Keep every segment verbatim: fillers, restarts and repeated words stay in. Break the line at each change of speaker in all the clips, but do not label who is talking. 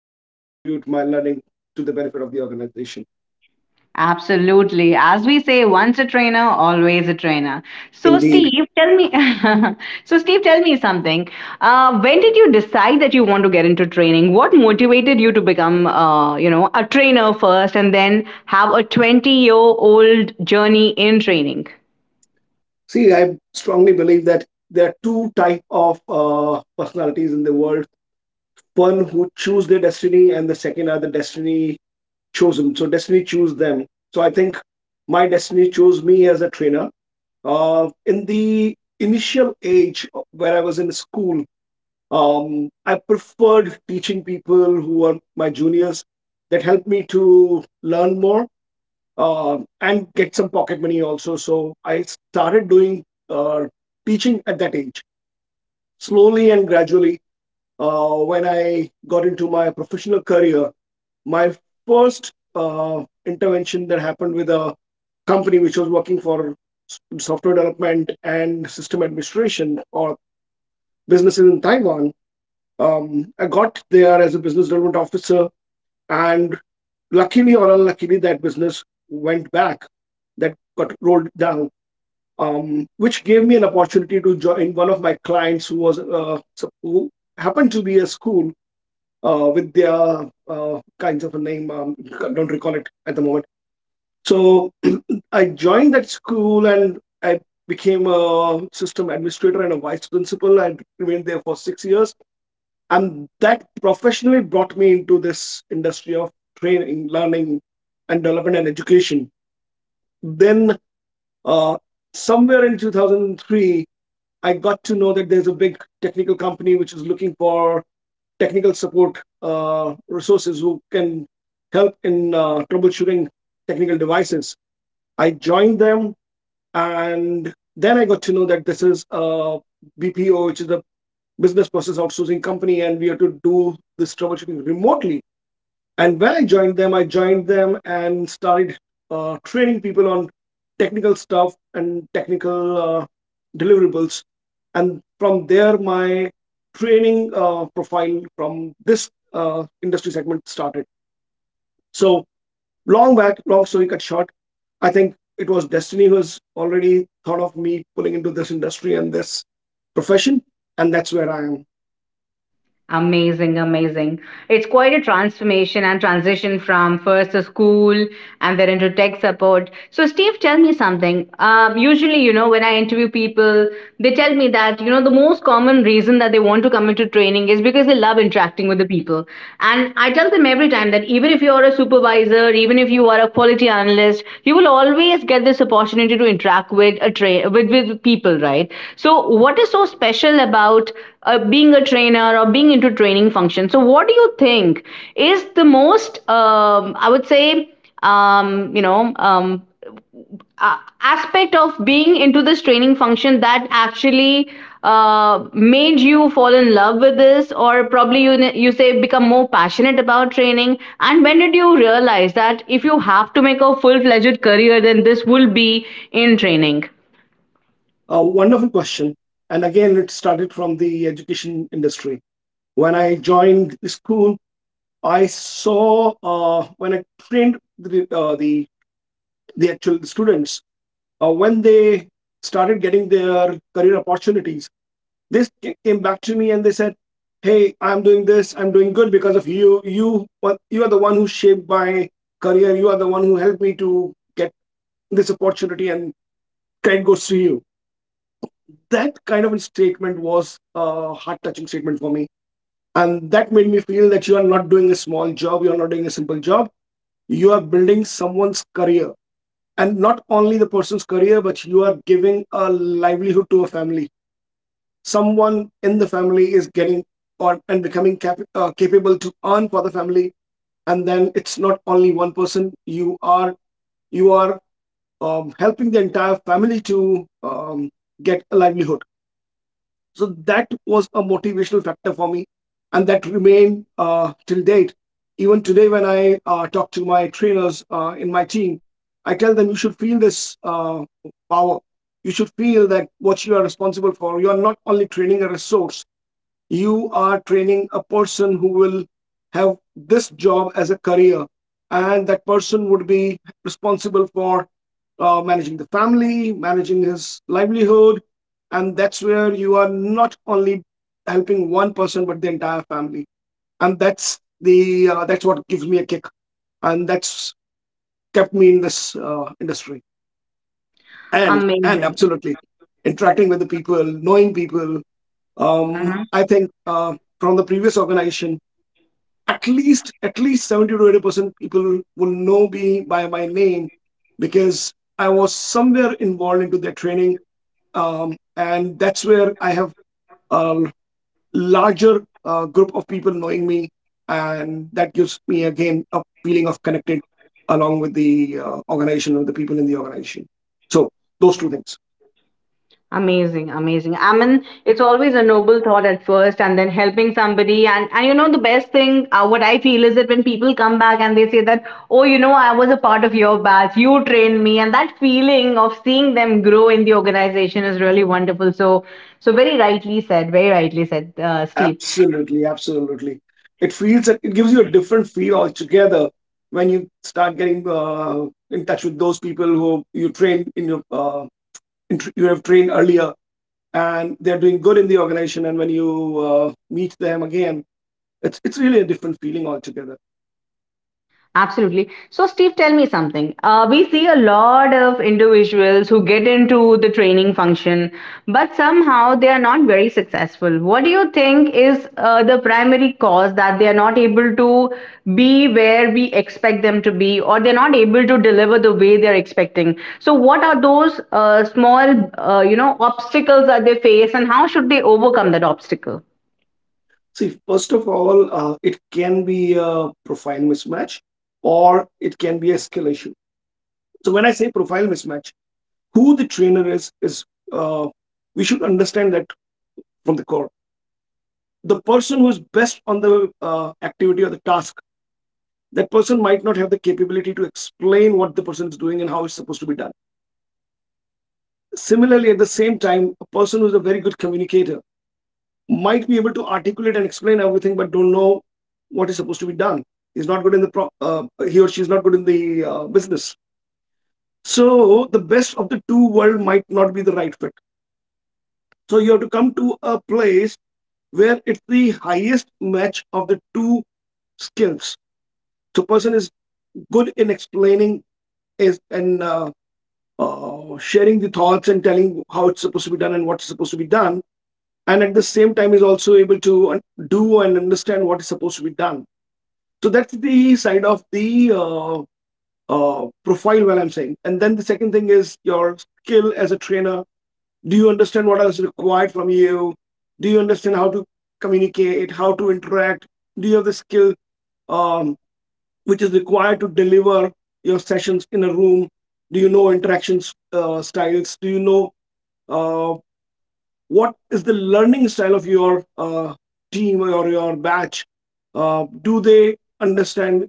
Love to contribute my learning to the benefit of the organization.
Absolutely. As we say, once a trainer, always a trainer. So,
Indeed,
Steve, tell me. So, Steve, tell me something. Uh, when did you decide that you want to get into training? What motivated you to become, uh, you know, a trainer first, and then have a twenty-year-old journey in training?
see, I strongly believe that there are two types of uh, personalities in the world. One who choose their destiny, and the second are the destiny chosen, so destiny choose them. So I think my destiny chose me as a trainer. Uh, in the initial age where I was in school, um, I preferred teaching people who are my juniors. That helped me to learn more, uh, and get some pocket money also, so I started doing uh, teaching at that age. Slowly and gradually, uh, when I got into my professional career, my first uh, intervention that happened with a company which was working for software development and system administration, or businesses in Taiwan. Um, I got there as a business development officer, and luckily or unluckily, that business went back, that got rolled down, um, which gave me an opportunity to join one of my clients who was uh, so- who happened to be a school uh, with their uh, kinds of a name. Um, don't recall it at the moment. So I joined that school and I became a system administrator and a vice principal. I remained there for six years. And that professionally brought me into this industry of training, learning, and development and education. Then, uh, somewhere in two thousand three, I got to know that there's a big technical company which is looking for technical support uh, resources who can help in uh, troubleshooting technical devices. I joined them. And then I got to know that this is a B P O, which is a business process outsourcing company, and we have to do this troubleshooting remotely. And when I joined them, I joined them and started uh, training people on technical stuff and technical uh, deliverables. And from there, my training uh, profile from this uh, industry segment started. So long back, long story cut short, I think it was destiny who has already thought of me pulling into this industry and this profession, and that's where I am.
Amazing, amazing. It's quite a transformation and transition from first the school and then into tech support. So, Steve, tell me something. Um, usually, you know, when I interview people, they tell me that, you know, the most common reason that they want to come into training is because they love interacting with the people. And I tell them every time that even if you are a supervisor, even if you are a quality analyst, you will always get this opportunity to interact with a tra- with, with people, right? So, what is so special about uh, being a trainer or being into training function. So, what do you think is the most, um, I would say, um, you know, um, a- aspect of being into this training function that actually uh, made you fall in love with this, or probably you you say become more passionate about training? And when did you realize that if you have to make a full fledged career, then this will be in training?
A wonderful question. And again, it started from the education industry. When I joined the school, I saw uh, when I trained the uh, the the actual students uh, when they started getting their career opportunities. This came back to me and they said, "Hey, I'm doing this. I'm doing good because of you. You you are the one who shaped my career. You are the one who helped me to get this opportunity, and credit goes to you." That kind of a statement was a heart-touching statement for me, and that made me feel that you are not doing a small job. You are not doing a simple job. You are building someone's career, and not only the person's career, but you are giving a livelihood to a family. Someone in the family is getting or and becoming cap- uh, capable to earn for the family. And then it's not only one person, you are you are um, helping the entire family to um, get a livelihood. So that was a motivational factor for me, and that remained uh, till date. Even today, when I uh, talk to my trainers uh, in my team, I tell them, you should feel this uh, power. You should feel that what you are responsible for, you are not only training a resource, you are training a person who will have this job as a career, and that person would be responsible for uh, managing the family, managing his livelihood. And that's where you are not only helping one person but the entire family. And that's the uh, that's what gives me a kick, and that's kept me in this uh, industry. and and
Amazing.
absolutely interacting with the people, knowing people, um, I think uh, from the previous organization, at least at least seventy to eighty percent people will know me by my name, because I was somewhere involved into their training, um, and that's where I have a larger uh, group of people knowing me, and that gives me again a feeling of connected along with the uh, organization and the people in the organization. So those two things.
Amazing, amazing. I mean, it's always a noble thought at first, and then helping somebody. And, and you know, the best thing, uh, what I feel is that when people come back and they say that, oh, you know, I was a part of your batch, you trained me, and that feeling of seeing them grow in the organization is really wonderful. So, so very rightly said, very rightly said, uh, Steve.
Absolutely, absolutely. It feels that it gives you a different feel altogether when you start getting uh, in touch with those people who you trained in your uh, in tr- you have trained earlier, and they're doing good in the organization. And when you uh, meet them again, it's it's really a different feeling altogether.
Absolutely. So, Steve, tell me something. Uh, we see a lot of individuals who get into the training function, but somehow they are not very successful. What do you think is uh, the primary cause that they are not able to be where we expect them to be, or they're not able to deliver the way they're expecting? So, what are those uh, small, uh, you know, obstacles that they face, and how should they overcome that obstacle?
See, first of all, uh, it can be a profile mismatch, or it can be a skill issue. So when I say profile mismatch, who the trainer is is uh, we should understand that from the core, the person who is best on the uh, activity or the task, that person might not have the capability to explain what the person is doing and how it's supposed to be done. Similarly, at the same time, a person who's a very good communicator might be able to articulate and explain everything but don't know what is supposed to be done. He's not good in the pro- uh, he or she is not good in the uh, business. So the best of the two world might not be the right fit. So you have to come to a place where it's the highest match of the two skills. So person is good in explaining is and uh, uh, sharing the thoughts and telling how it's supposed to be done and what's supposed to be done, and at the same time is also able to un- do and understand what is supposed to be done. So that's the side of the uh, uh, profile, well, I'm saying. And then the second thing is your skill as a trainer. Do you understand what is required from you? Do you understand how to communicate, how to interact? Do you have the skill um, which is required to deliver your sessions in a room? Do you know interaction uh, styles? Do you know uh, what is the learning style of your uh, team or your batch? Uh, do they understand,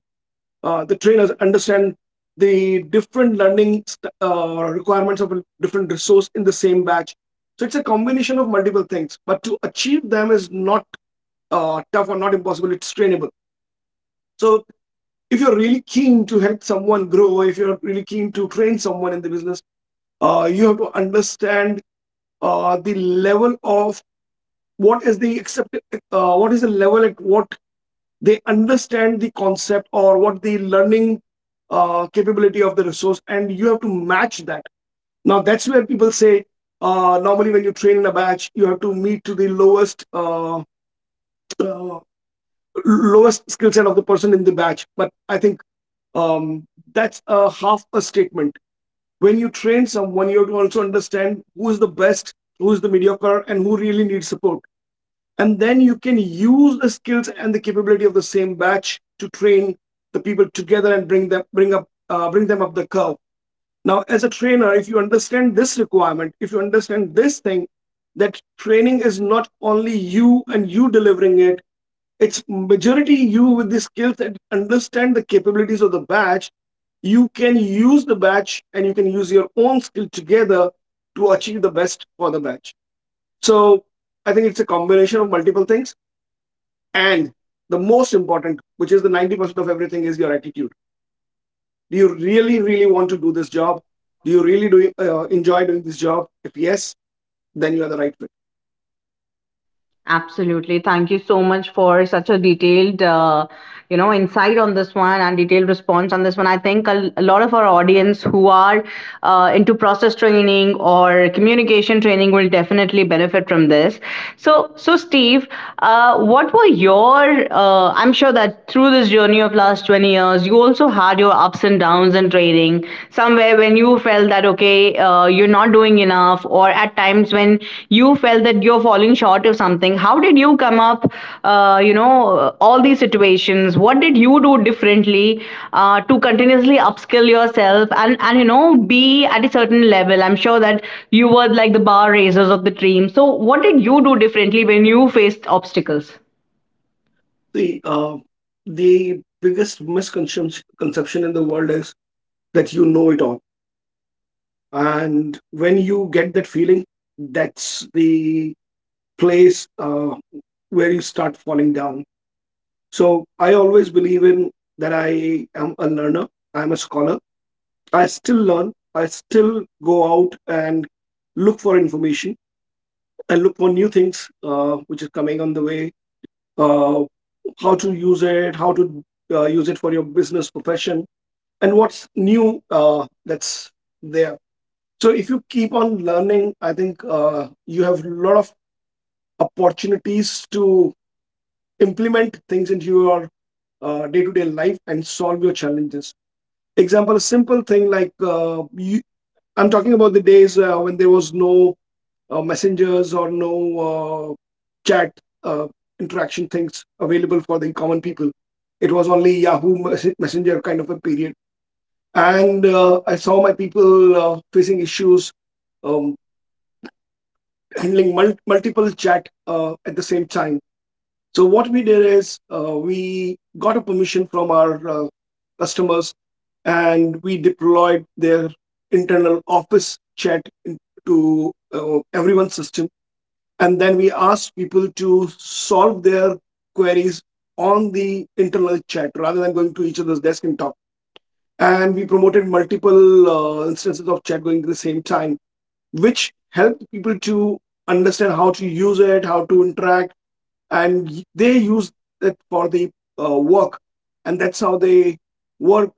uh, the trainers understand the different learning st- uh, requirements of a different resource in the same batch? So it's a combination of multiple things, but to achieve them is not uh, tough or not impossible, it's trainable. So if you're really keen to help someone grow, if you're really keen to train someone in the business, uh, you have to understand uh, the level of what is the accepted, uh, what is the level at what they understand the concept, or what the learning uh, capability of the resource, and you have to match that. Now that's where people say, uh, normally when you train in a batch, you have to meet to the lowest uh, uh, lowest skill set of the person in the batch. But I think um, that's a half a statement. When you train someone, you have to also understand who is the best, who is the mediocre, and who really needs support. And then you can use the skills and the capability of the same batch to train the people together, and bring them bring up uh, bring them up the curve. Now as a trainer, if you understand this requirement, if you understand this thing, that training is not only you and you delivering it, it's majority you with the skills and understand the capabilities of the batch, you can use the batch and you can use your own skill together to achieve the best for the batch. So I think it's a combination of multiple things, and the most important, which is the ninety percent of everything, is your attitude. Do you really really want to do this job? Do you really do uh, enjoy doing this job? If yes, then you are the right fit.
Absolutely. Thank you so much for such a detailed, uh, you know, insight on this one and detailed response on this one. I think a, a lot of our audience who are uh, into process training or communication training will definitely benefit from this. So, so Steve, uh, what were your? Uh, I'm sure that through this journey of last twenty years, you also had your ups and downs in training somewhere when you felt that okay uh, you're not doing enough or at times when you felt that you're falling short of something. How did you come up uh, you know all these situations? What did you do differently uh, to continuously upskill yourself and and you know be at a certain level. I'm sure that you were like the bar raisers of the dream. So what did you do differently when you faced obstacles?
The uh, the biggest misconception in the world is that you know it all. And when you get that feeling, that's the place uh, where you start falling down. So I always believe in that I am a learner. I'm a scholar. I still learn. I still go out and look for information, and look for new things uh, which is coming on the way. Uh, how to use it, how to uh, use it for your business profession, and what's new uh, that's there. So if you keep on learning, I think uh, you have a lot of opportunities to implement things into your uh, day-to-day life and solve your challenges. Example, a simple thing like uh, you, I'm talking about the days uh, when there was no uh, messengers or no uh, chat uh, interaction things available for the common people. It was only Yahoo Mes- Messenger kind of a period, and uh, I saw my people uh, facing issues. Um, handling mul- multiple chat uh, at the same time. So what we did is uh, we got a permission from our uh, customers and we deployed their internal office chat in- to uh, everyone's system. And then we asked people to solve their queries on the internal chat rather than going to each other's desk and talk. And we promoted multiple uh, instances of chat going at the same time, which helped people to understand how to use it, how to interact, and y- they use it for the uh, work, and that's how they work.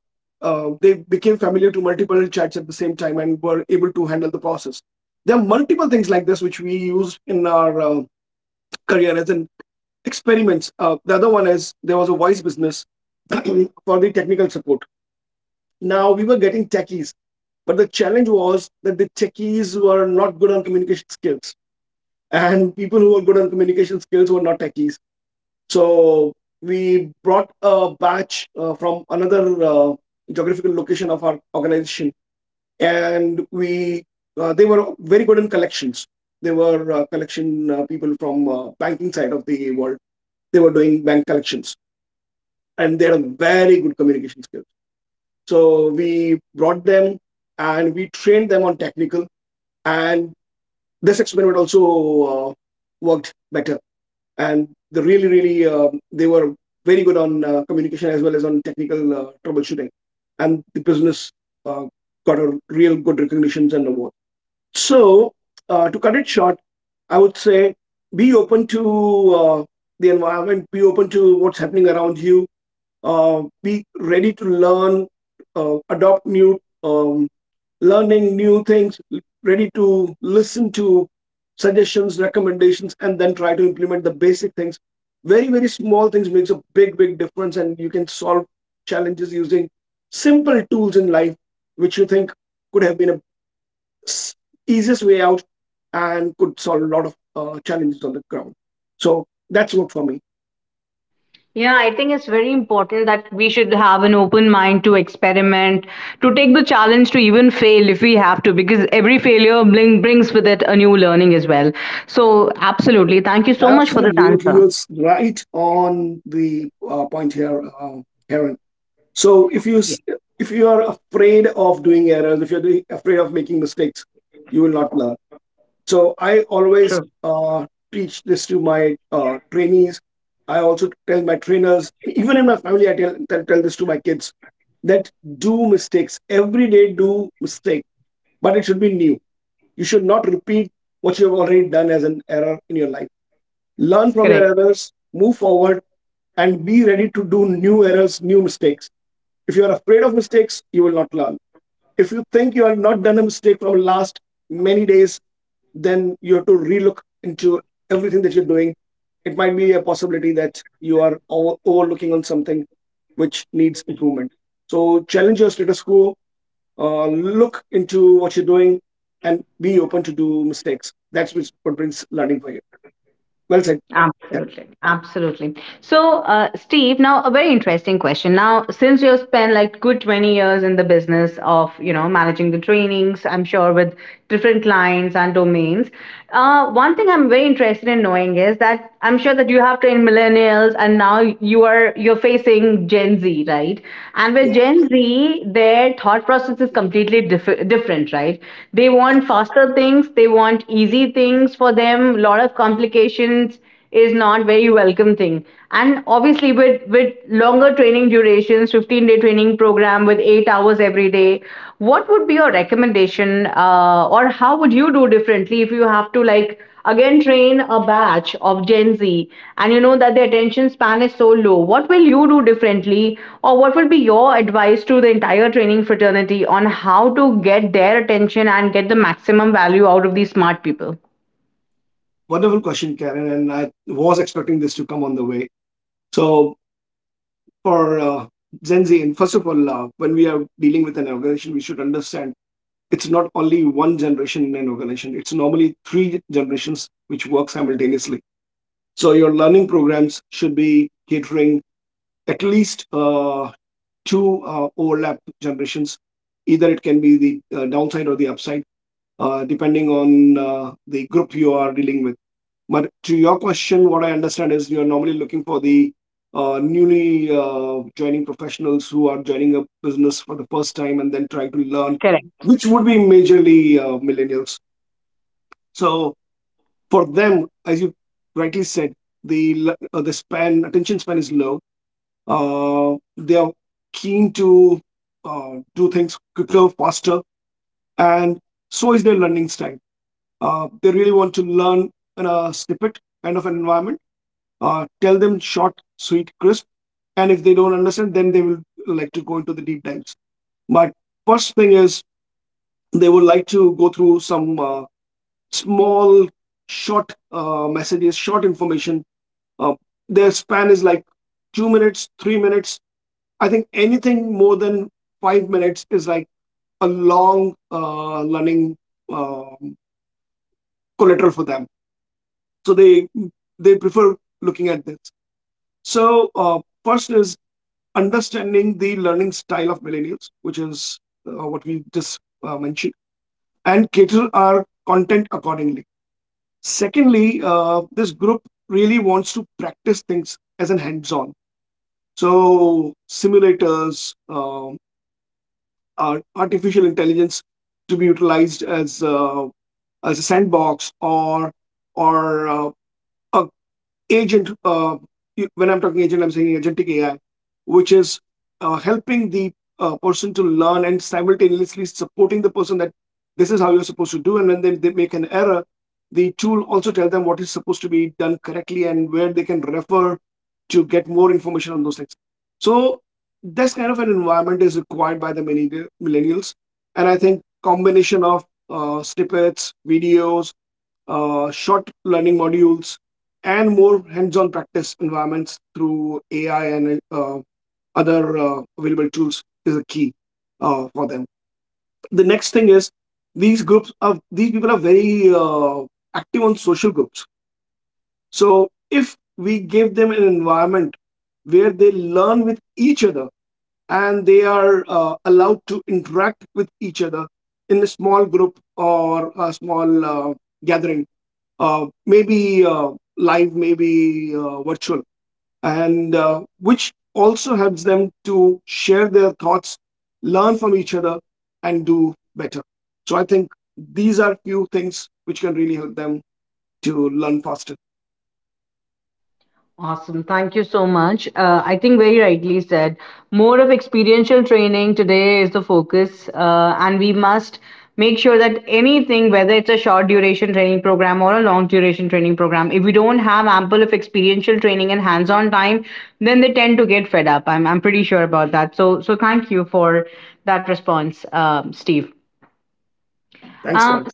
Uh, they became familiar to multiple chats at the same time and were able to handle the process. There are multiple things like this which we used in our uh, career as an experiments. Uh, the other one is there was a voice business for the technical support. Now we were getting techies, but the challenge was that the techies were not good on communication skills and people who were good on communication skills were not techies. So we brought a batch uh, from another uh, geographical location of our organization, and we uh, they were very good in collections. They were uh, collection uh, people from uh, banking side of the world. They were doing bank collections, and they had very good communication skills. So we brought them and we trained them on technical, and this experiment also uh, worked better, and they really, really um, they were very good on uh, communication as well as on technical uh, troubleshooting, and the business uh, got a real good recognitions and award. So uh, to cut it short, I would say be open to uh, the environment, be open to what's happening around you, uh, be ready to learn, uh, adopt new um, learning new things, ready to listen to suggestions, recommendations, and then try to implement the basic things. Very, very small things makes a big, big difference, and you can solve challenges using simple tools in life, which you think could have been a s- easiest way out and could solve a lot of uh, challenges on the ground. So that's worked for me.
Yeah, I think it's very important that we should have an open mind to experiment, to take the challenge to even fail if we have to, because every failure bring, brings with it a new learning as well. So, absolutely. Thank you so much for this
Absolutely,
answer.
you're right on the uh, point here, uh, Karen. So if you
Yeah,
if you are afraid of doing errors, if you're doing, afraid of making mistakes, you will not learn. So I always
true.
uh, teach this to my uh, trainees. I also tell my trainers, even in my family, I tell, tell tell this to my kids that do mistakes every day. Do mistake, but it should be new. You should not repeat what you have already done as an error in your life. Learn
Correct.
from your errors, move forward, and be ready to do new errors, new mistakes. If you are afraid of mistakes, you will not learn. If you think you have not done a mistake from last many days, then you have to relook into everything that you're doing. It might be a possibility that you are overlooking on something which needs improvement. So challenge your status quo. Uh, look into what you're doing and be open to do mistakes. That's which- what brings learning for you. Well said. Yeah.
Absolutely. Absolutely. So, uh, Steve, now a very interesting question. Now, since you've spent like good twenty years in the business of, you know, managing the trainings, I'm sure with different clients and domains, uh, one thing I'm very interested in knowing is that I'm sure that you have trained millennials and now you are you're facing Gen Z, right? And with
Yeah.
Gen Z, their thought process is completely diff- different, right? They want faster things, they want easy things for them. A lot of complications is not very welcome thing. And obviously with with longer training durations, fifteen day training program with eight hours every day, what would be your recommendation uh, or how would you do differently if you have to like again train a batch of Gen Z and you know that the attention span is so low, what will you do differently or what will be your advice to the entire training fraternity on how to get their attention and get the maximum value out of these smart people?
Wonderful question, Karen. And I was expecting this to come on the way. So for uh, Gen Z. And first of all, uh, when we are dealing with an organization, we should understand it's not only one generation in an organization. It's normally three generations which work simultaneously. So your learning programs should be catering at least uh, two uh, overlap generations. Either it can be the uh, downside or the upside, uh, depending on uh, the group you are dealing with. But to your question, what I understand is you're normally looking for the uh, newly uh, joining professionals who are joining a business for the first time and then trying to learn,
Correct.
which would be majorly uh, millennials. So for them, as you rightly said, the l- uh, the span attention span is low. Uh, they are keen to uh, do things quicker, faster, and so is their learning style. Uh, they really want to learn in a snippet kind of an environment, uh, tell them short, sweet, crisp. And if they don't understand, then they will like to go into the deep dives. But first thing is they would like to go through some uh, small, short uh, messages, short information. Uh, their span is like two minutes, three minutes. I think anything more than five minutes is like a long uh, learning um, collateral for them. So they they prefer looking at this. So uh, first is understanding the learning style of millennials, which is uh, what we just uh, mentioned, and cater our content accordingly. Secondly, uh, this group really wants to practice things as an hands on. So, simulators, um, ar- artificial intelligence to be utilized as, uh, as a sandbox, or, or uh, a agent, uh, when I'm talking agent, I'm saying agentic AI, which is uh, helping the uh, person to learn and simultaneously supporting the person that this is how you're supposed to do, and when they, they make an error, the tool also tell them what is supposed to be done correctly and where they can refer to get more information on those things. So this kind of an environment is required by the millenni- millennials, and I think combination of uh, snippets videos, uh, short learning modules, and more hands-on practice environments through A I and uh, other uh, available tools is a key uh, for them. The next thing is these groups of these people are very uh, active on social groups. So if we give them an environment where they learn with each other and they are uh, allowed to interact with each other in a small group or a small uh, gathering, uh, maybe uh, live, maybe uh, virtual, and uh, which also helps them to share their thoughts, learn from each other, and do better. So I think these are few things which can really help them to learn faster.
Awesome. Thank you so much. Uh, I think very rightly said. More of experiential training today is the focus, uh, and we must make sure that anything, whether it's a short duration training program or a long duration training program, if we don't have ample of experiential training and hands on time, then they tend to get fed up. I'm, I'm pretty sure about that. So, so thank you for that response, um, Steve.
Thanks,
Um,
Karen.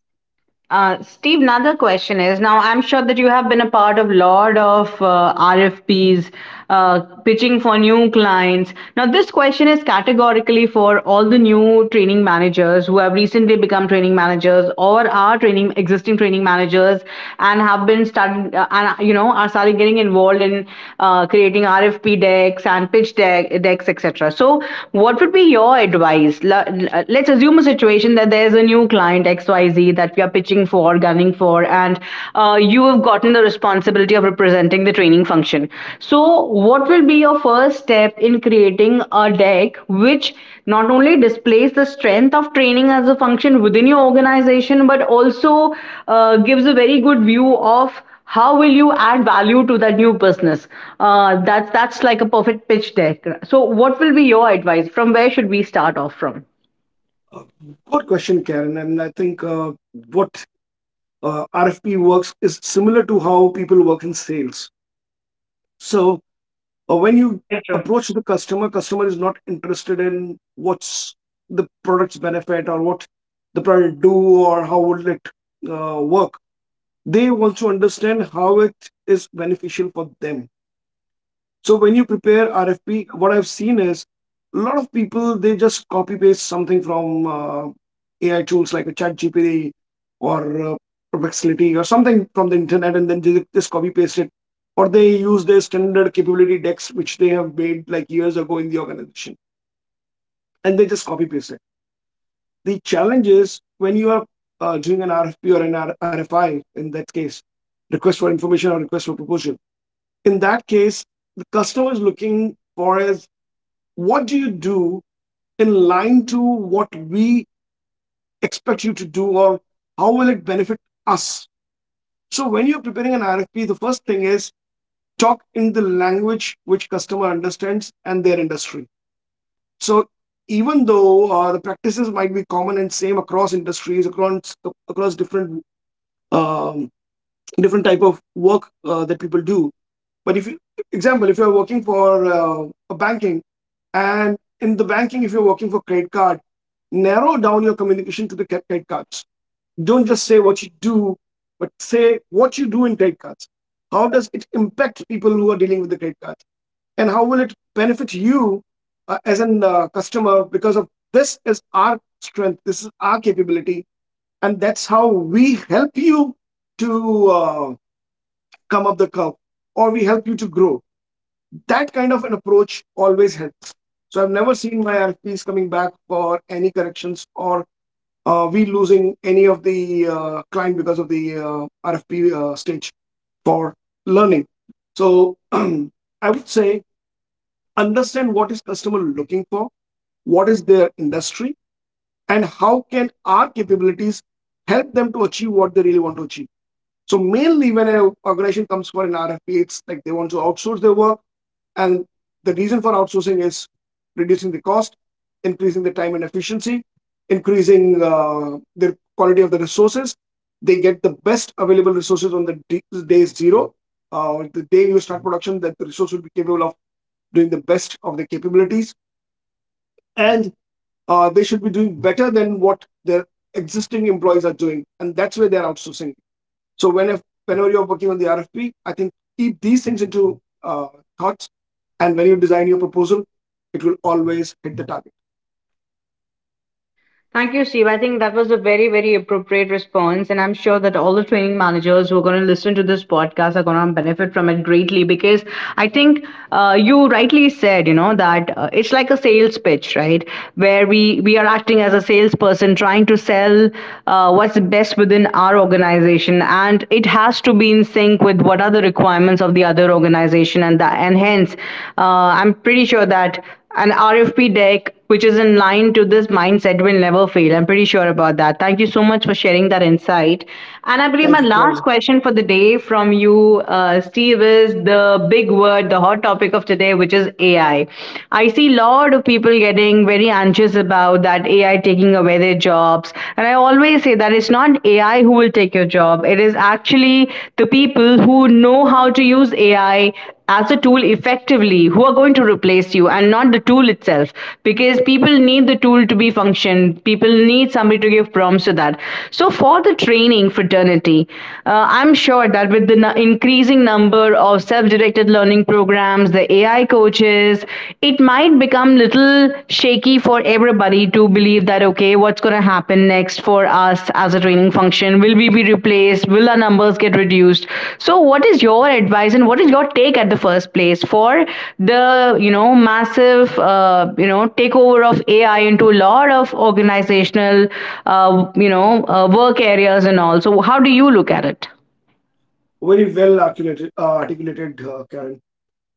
uh, Steve, another question is now I'm sure that you have been a part of a lot of uh, R F Ps, uh, pitching for new clients. Now, this question is categorically for all the new training managers who have recently become training managers or are training existing training managers and have been started uh, and uh, you know are started getting involved in uh, creating R F P decks and pitch deck, decks, et cetera. So, what would be your advice? L- l- let's assume a situation that there's a new client X Y Z that we are pitching for, gunning for, and uh, you have gotten the responsibility of representing the training function. So, what will be your first step in creating a deck which not only displays the strength of training as a function within your organization, but also uh, gives a very good view of how will you add value to that new business? Uh, that's that's like a perfect pitch deck. So, what will be your advice? From where should we start off from?
Uh, Good question, Karen. And I think uh, what uh, R F P works is similar to how people work in sales. So or when you
Very true.
approach the customer, customer is not interested in what's the product's benefit or what the product do or how will it uh, work. They want to understand how it is beneficial for them. So when you prepare R F P, what I've seen is a lot of people they just copy paste something from uh, A I tools like a Chat G P T or uh, Perplexity or something from the internet, and then ju- just copy paste it. Or they use their standard capability decks which they have made like years ago in the organization, and they just copy paste it. The challenge is when you are uh, doing an R F P or an R- RFI, in that case, request for information or request for proposal. In that case, the customer is looking for is what do you do in line to what we expect you to do, or how will it benefit us. So when you're preparing an RFP, the first thing is talk in the language which customer understands and their industry. So even though uh, the practices might be common and same across industries, across across different um, different type of work uh, that people do, but if you example if you're working for uh, a banking. And in the banking, if you're working for credit card, narrow down your communication to the credit cards. Don't just say what you do, but say what you do in credit cards. How does it impact people who are dealing with the credit cards? And how will it benefit you uh, as a uh, customer, because of this is our strength, this is our capability, and that's how we help you to uh, come up the curve or we help you to grow. That kind of an approach always helps. So I've never seen my R F Ps coming back for any corrections or uh, we losing any of the uh, client because of the uh, R F P uh, stage for learning. So I would say understand what is customer looking for, what is their industry, and how can our capabilities help them to achieve what they really want to achieve. So mainly when an organization comes for an R F P, it's like they want to outsource their work, and the reason for outsourcing is reducing the cost, increasing the time and efficiency, increasing uh, the quality of the resources. They get the best available resources on the d- day zero. Uh, the day you start production, that the resource will be capable of doing the best of the capabilities. And uh, they should be doing better than what their existing employees are doing. And that's where they're outsourcing. So when if, whenever you're working on the R F P, I think keep these things into uh, thoughts, and when you design your proposal, it will always hit the target.
Thank you, Steve. I think that was a very, very appropriate response. And I'm sure that all the training managers who are going to listen to this podcast are going to benefit from it greatly because I think uh, you rightly said, you know, that uh, it's like a sales pitch, right? Where we, we are acting as a salesperson trying to sell uh, what's best within our organization. And it has to be in sync with what are the requirements of the other organization. And, that, and hence, uh, I'm pretty sure that an R F P deck which is in line to this mindset will never fail. I'm pretty sure about that. Thank you so much for sharing that insight. And I believe my
Thank you,
last
Karen.
question for the day from you, uh, Steve, is the big word, the hot topic of today, which is A I. I I see a lot of people getting very anxious about that A I taking away their jobs. And I always say that it's not A I who will take your job, it is actually be the people who know how to use A I as a tool effectively who are going to replace you and not the tool itself, because people need the tool to be function, people need somebody to give prompts to that. So for the training fraternity, uh, I'm sure that with the nu- increasing number of self-directed learning programs, the AI coaches, it might become little shaky for everybody to believe that okay, what's going to happen next for us as a training function? Will we be replaced? Will our numbers get reduced? So what is your advice and what is your take at the first place for the you know massive uh, you know takeover of AI into a lot of organizational uh, you know uh, work areas and all? So how do you look at it?
Very well articulated, uh, articulated uh, Karen.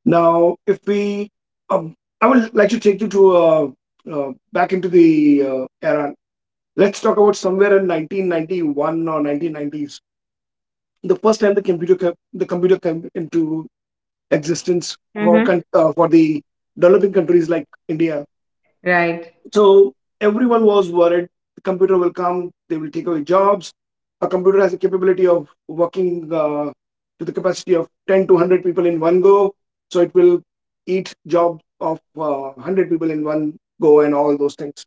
Now, if we, um, I would like to take you to uh, uh, back into the uh, era. Let's talk about somewhere in nineteen ninety-one or nineteen nineties. The first time the computer came, the computer came into existence for
Mm-hmm.
con- uh, for the developing countries like India.
Right.
So everyone was worried the computer will come, they will take away jobs. A computer has a capability of working uh, to the capacity of ten to one hundred people in one go. So it will eat job of uh, one hundred people in one go and all those things.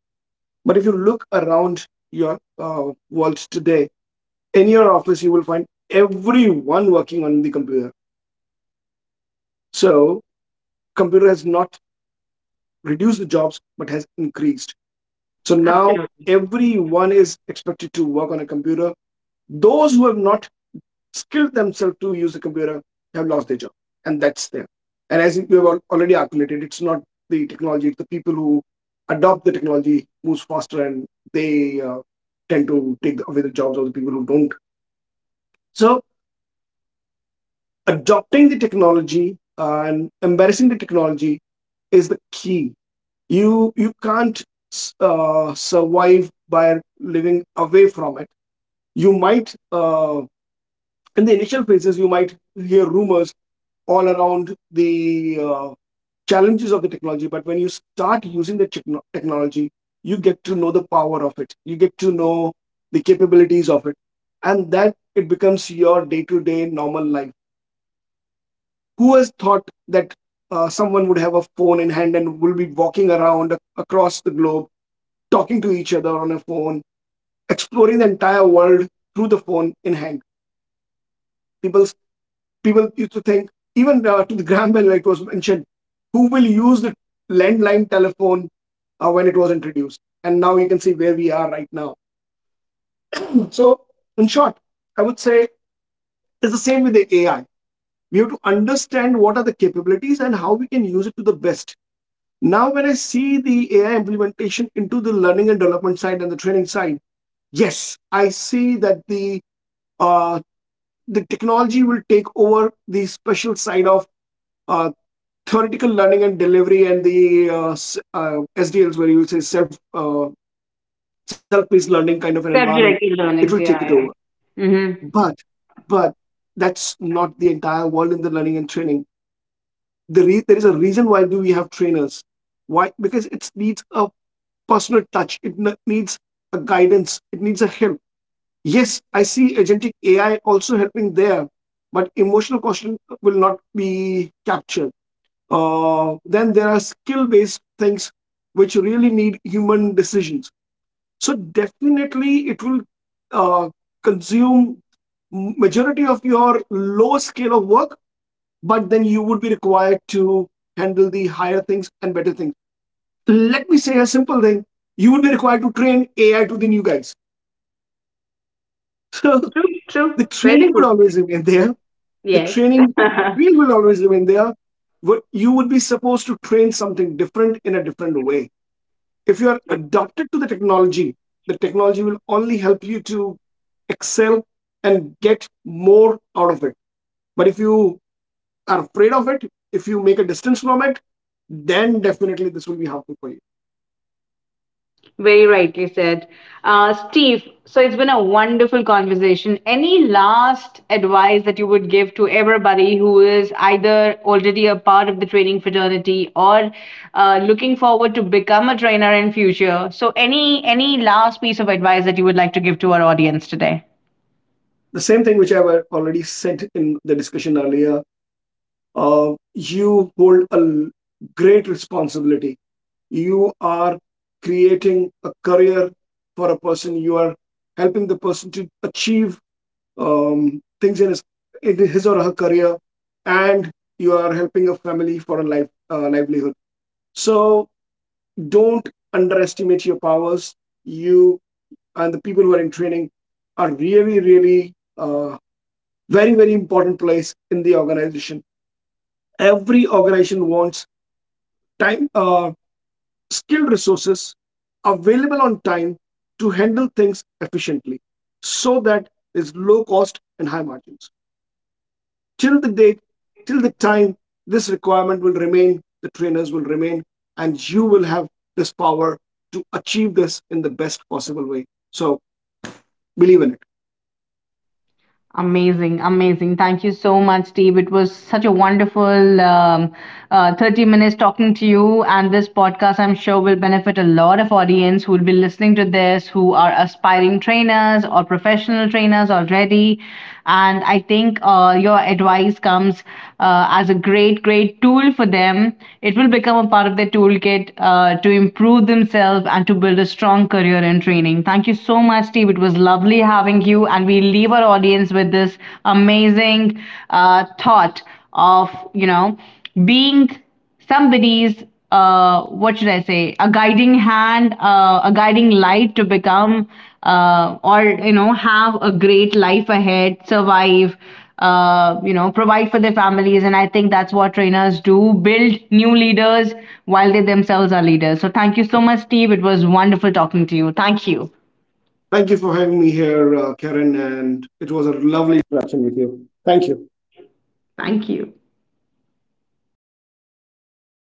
But if you look around your uh, world today, in your office, you will find everyone working on the computer. So computer has not reduced the jobs, but has increased. So now
Absolutely.
everyone is expected to work on a computer. Those who have not skilled themselves to use a computer have lost their job, and that's there. And as we have already articulated, it's not the technology; it's the people who adopt the technology moves faster, and they uh, tend to take away the jobs of the people who don't. So adopting the technology uh, and embracing the technology is the key. You you can't uh, survive by living away from it. You might uh, in the initial phases, you might hear rumors all around the uh, challenges of the technology, but when you start using the techno- technology, you get to know the power of it, you get to know the capabilities of it, and that it becomes your day-to-day normal life. Who has thought that uh, someone would have a phone in hand and will be walking around across the globe, talking to each other on a phone, exploring the entire world through the phone in hand? People people used to think, even uh, to the Graham Bell, it was mentioned, who will use the landline telephone uh, when it was introduced? And now you can see where we are right now. So, in short, I would say it's the same with the A I. We have to understand what are the capabilities and how we can use it to the best. Now, when I see the A I implementation into the learning and development side and the training side, yes, I see that the uh, the technology will take over the special side of uh, theoretical learning and delivery and the uh, uh, s- uh, S D Ls where you will say self uh, self-paced learning kind of an environment,
Subjective
it will
learnings.
take it
Yeah.
over.
Yeah. Mm-hmm.
But but that's not the entire world in the learning and training. The re- there is a reason why do we have trainers? Why? Because it needs a personal touch. It n- needs a guidance. It needs a help. Yes, I see agentic A I also helping there, but emotional quotient will not be captured. Uh, then there are skill based things which really need human decisions. So definitely it will uh, consume majority of your low scale of work, but then you would be required to handle the higher things and better things. Let me say a simple thing. You would be required to train A I to the new guys. So the training would always remain there. The
Yes.
training field will always remain there. But you would be supposed to train something different in a different way. If you are adapted to the technology, the technology will only help you to excel and get more out of it, but if you are afraid of it, if you make a distance from it, then definitely this will be harmful for you.
Very rightly said. Uh, Steve, so it's been a wonderful conversation. Any last advice that you would give to everybody who is either already a part of the training fraternity or uh, looking forward to become a trainer in future? So any any last piece of advice that you would like to give to our audience today?
The same thing which I have already said in the discussion earlier, uh, you hold a great responsibility. You are creating a career for a person. You are helping the person to achieve um, things in his, in his or her career, and you are helping a family for a life uh, livelihood. So don't underestimate your powers. You and the people who are in training are really, really uh, very, very important place in the organization. Every organization wants time, uh, skilled resources available on time to handle things efficiently, so that there's low cost and high margins. Till the date, till the time this requirement will remain, the trainers will remain, and you will have this power to achieve this in the best possible way. So believe in it.
Amazing, amazing. Thank you so much, Steve. It was such a wonderful um, uh, thirty minutes talking to you. And this podcast, I'm sure, will benefit a lot of audience who will be listening to this, who are aspiring trainers or professional trainers already. And I think uh, your advice comes uh, as a great, great tool for them. It will become a part of their toolkit uh, to improve themselves and to build a strong career in training. Thank you so much, Steve. It was lovely having having you, and we leave our audience with this amazing uh, thought of you know being somebody's uh, what should I say, a guiding hand, uh, a guiding light to become uh, or you know have a great life ahead, survive. Uh, you know, provide for their families, and I think that's what trainers do, build new leaders while they themselves are leaders. So, thank you so much, Steve. It was wonderful talking to you. Thank you.
Thank you for having me here, uh, Karen, and it was a
Thank you.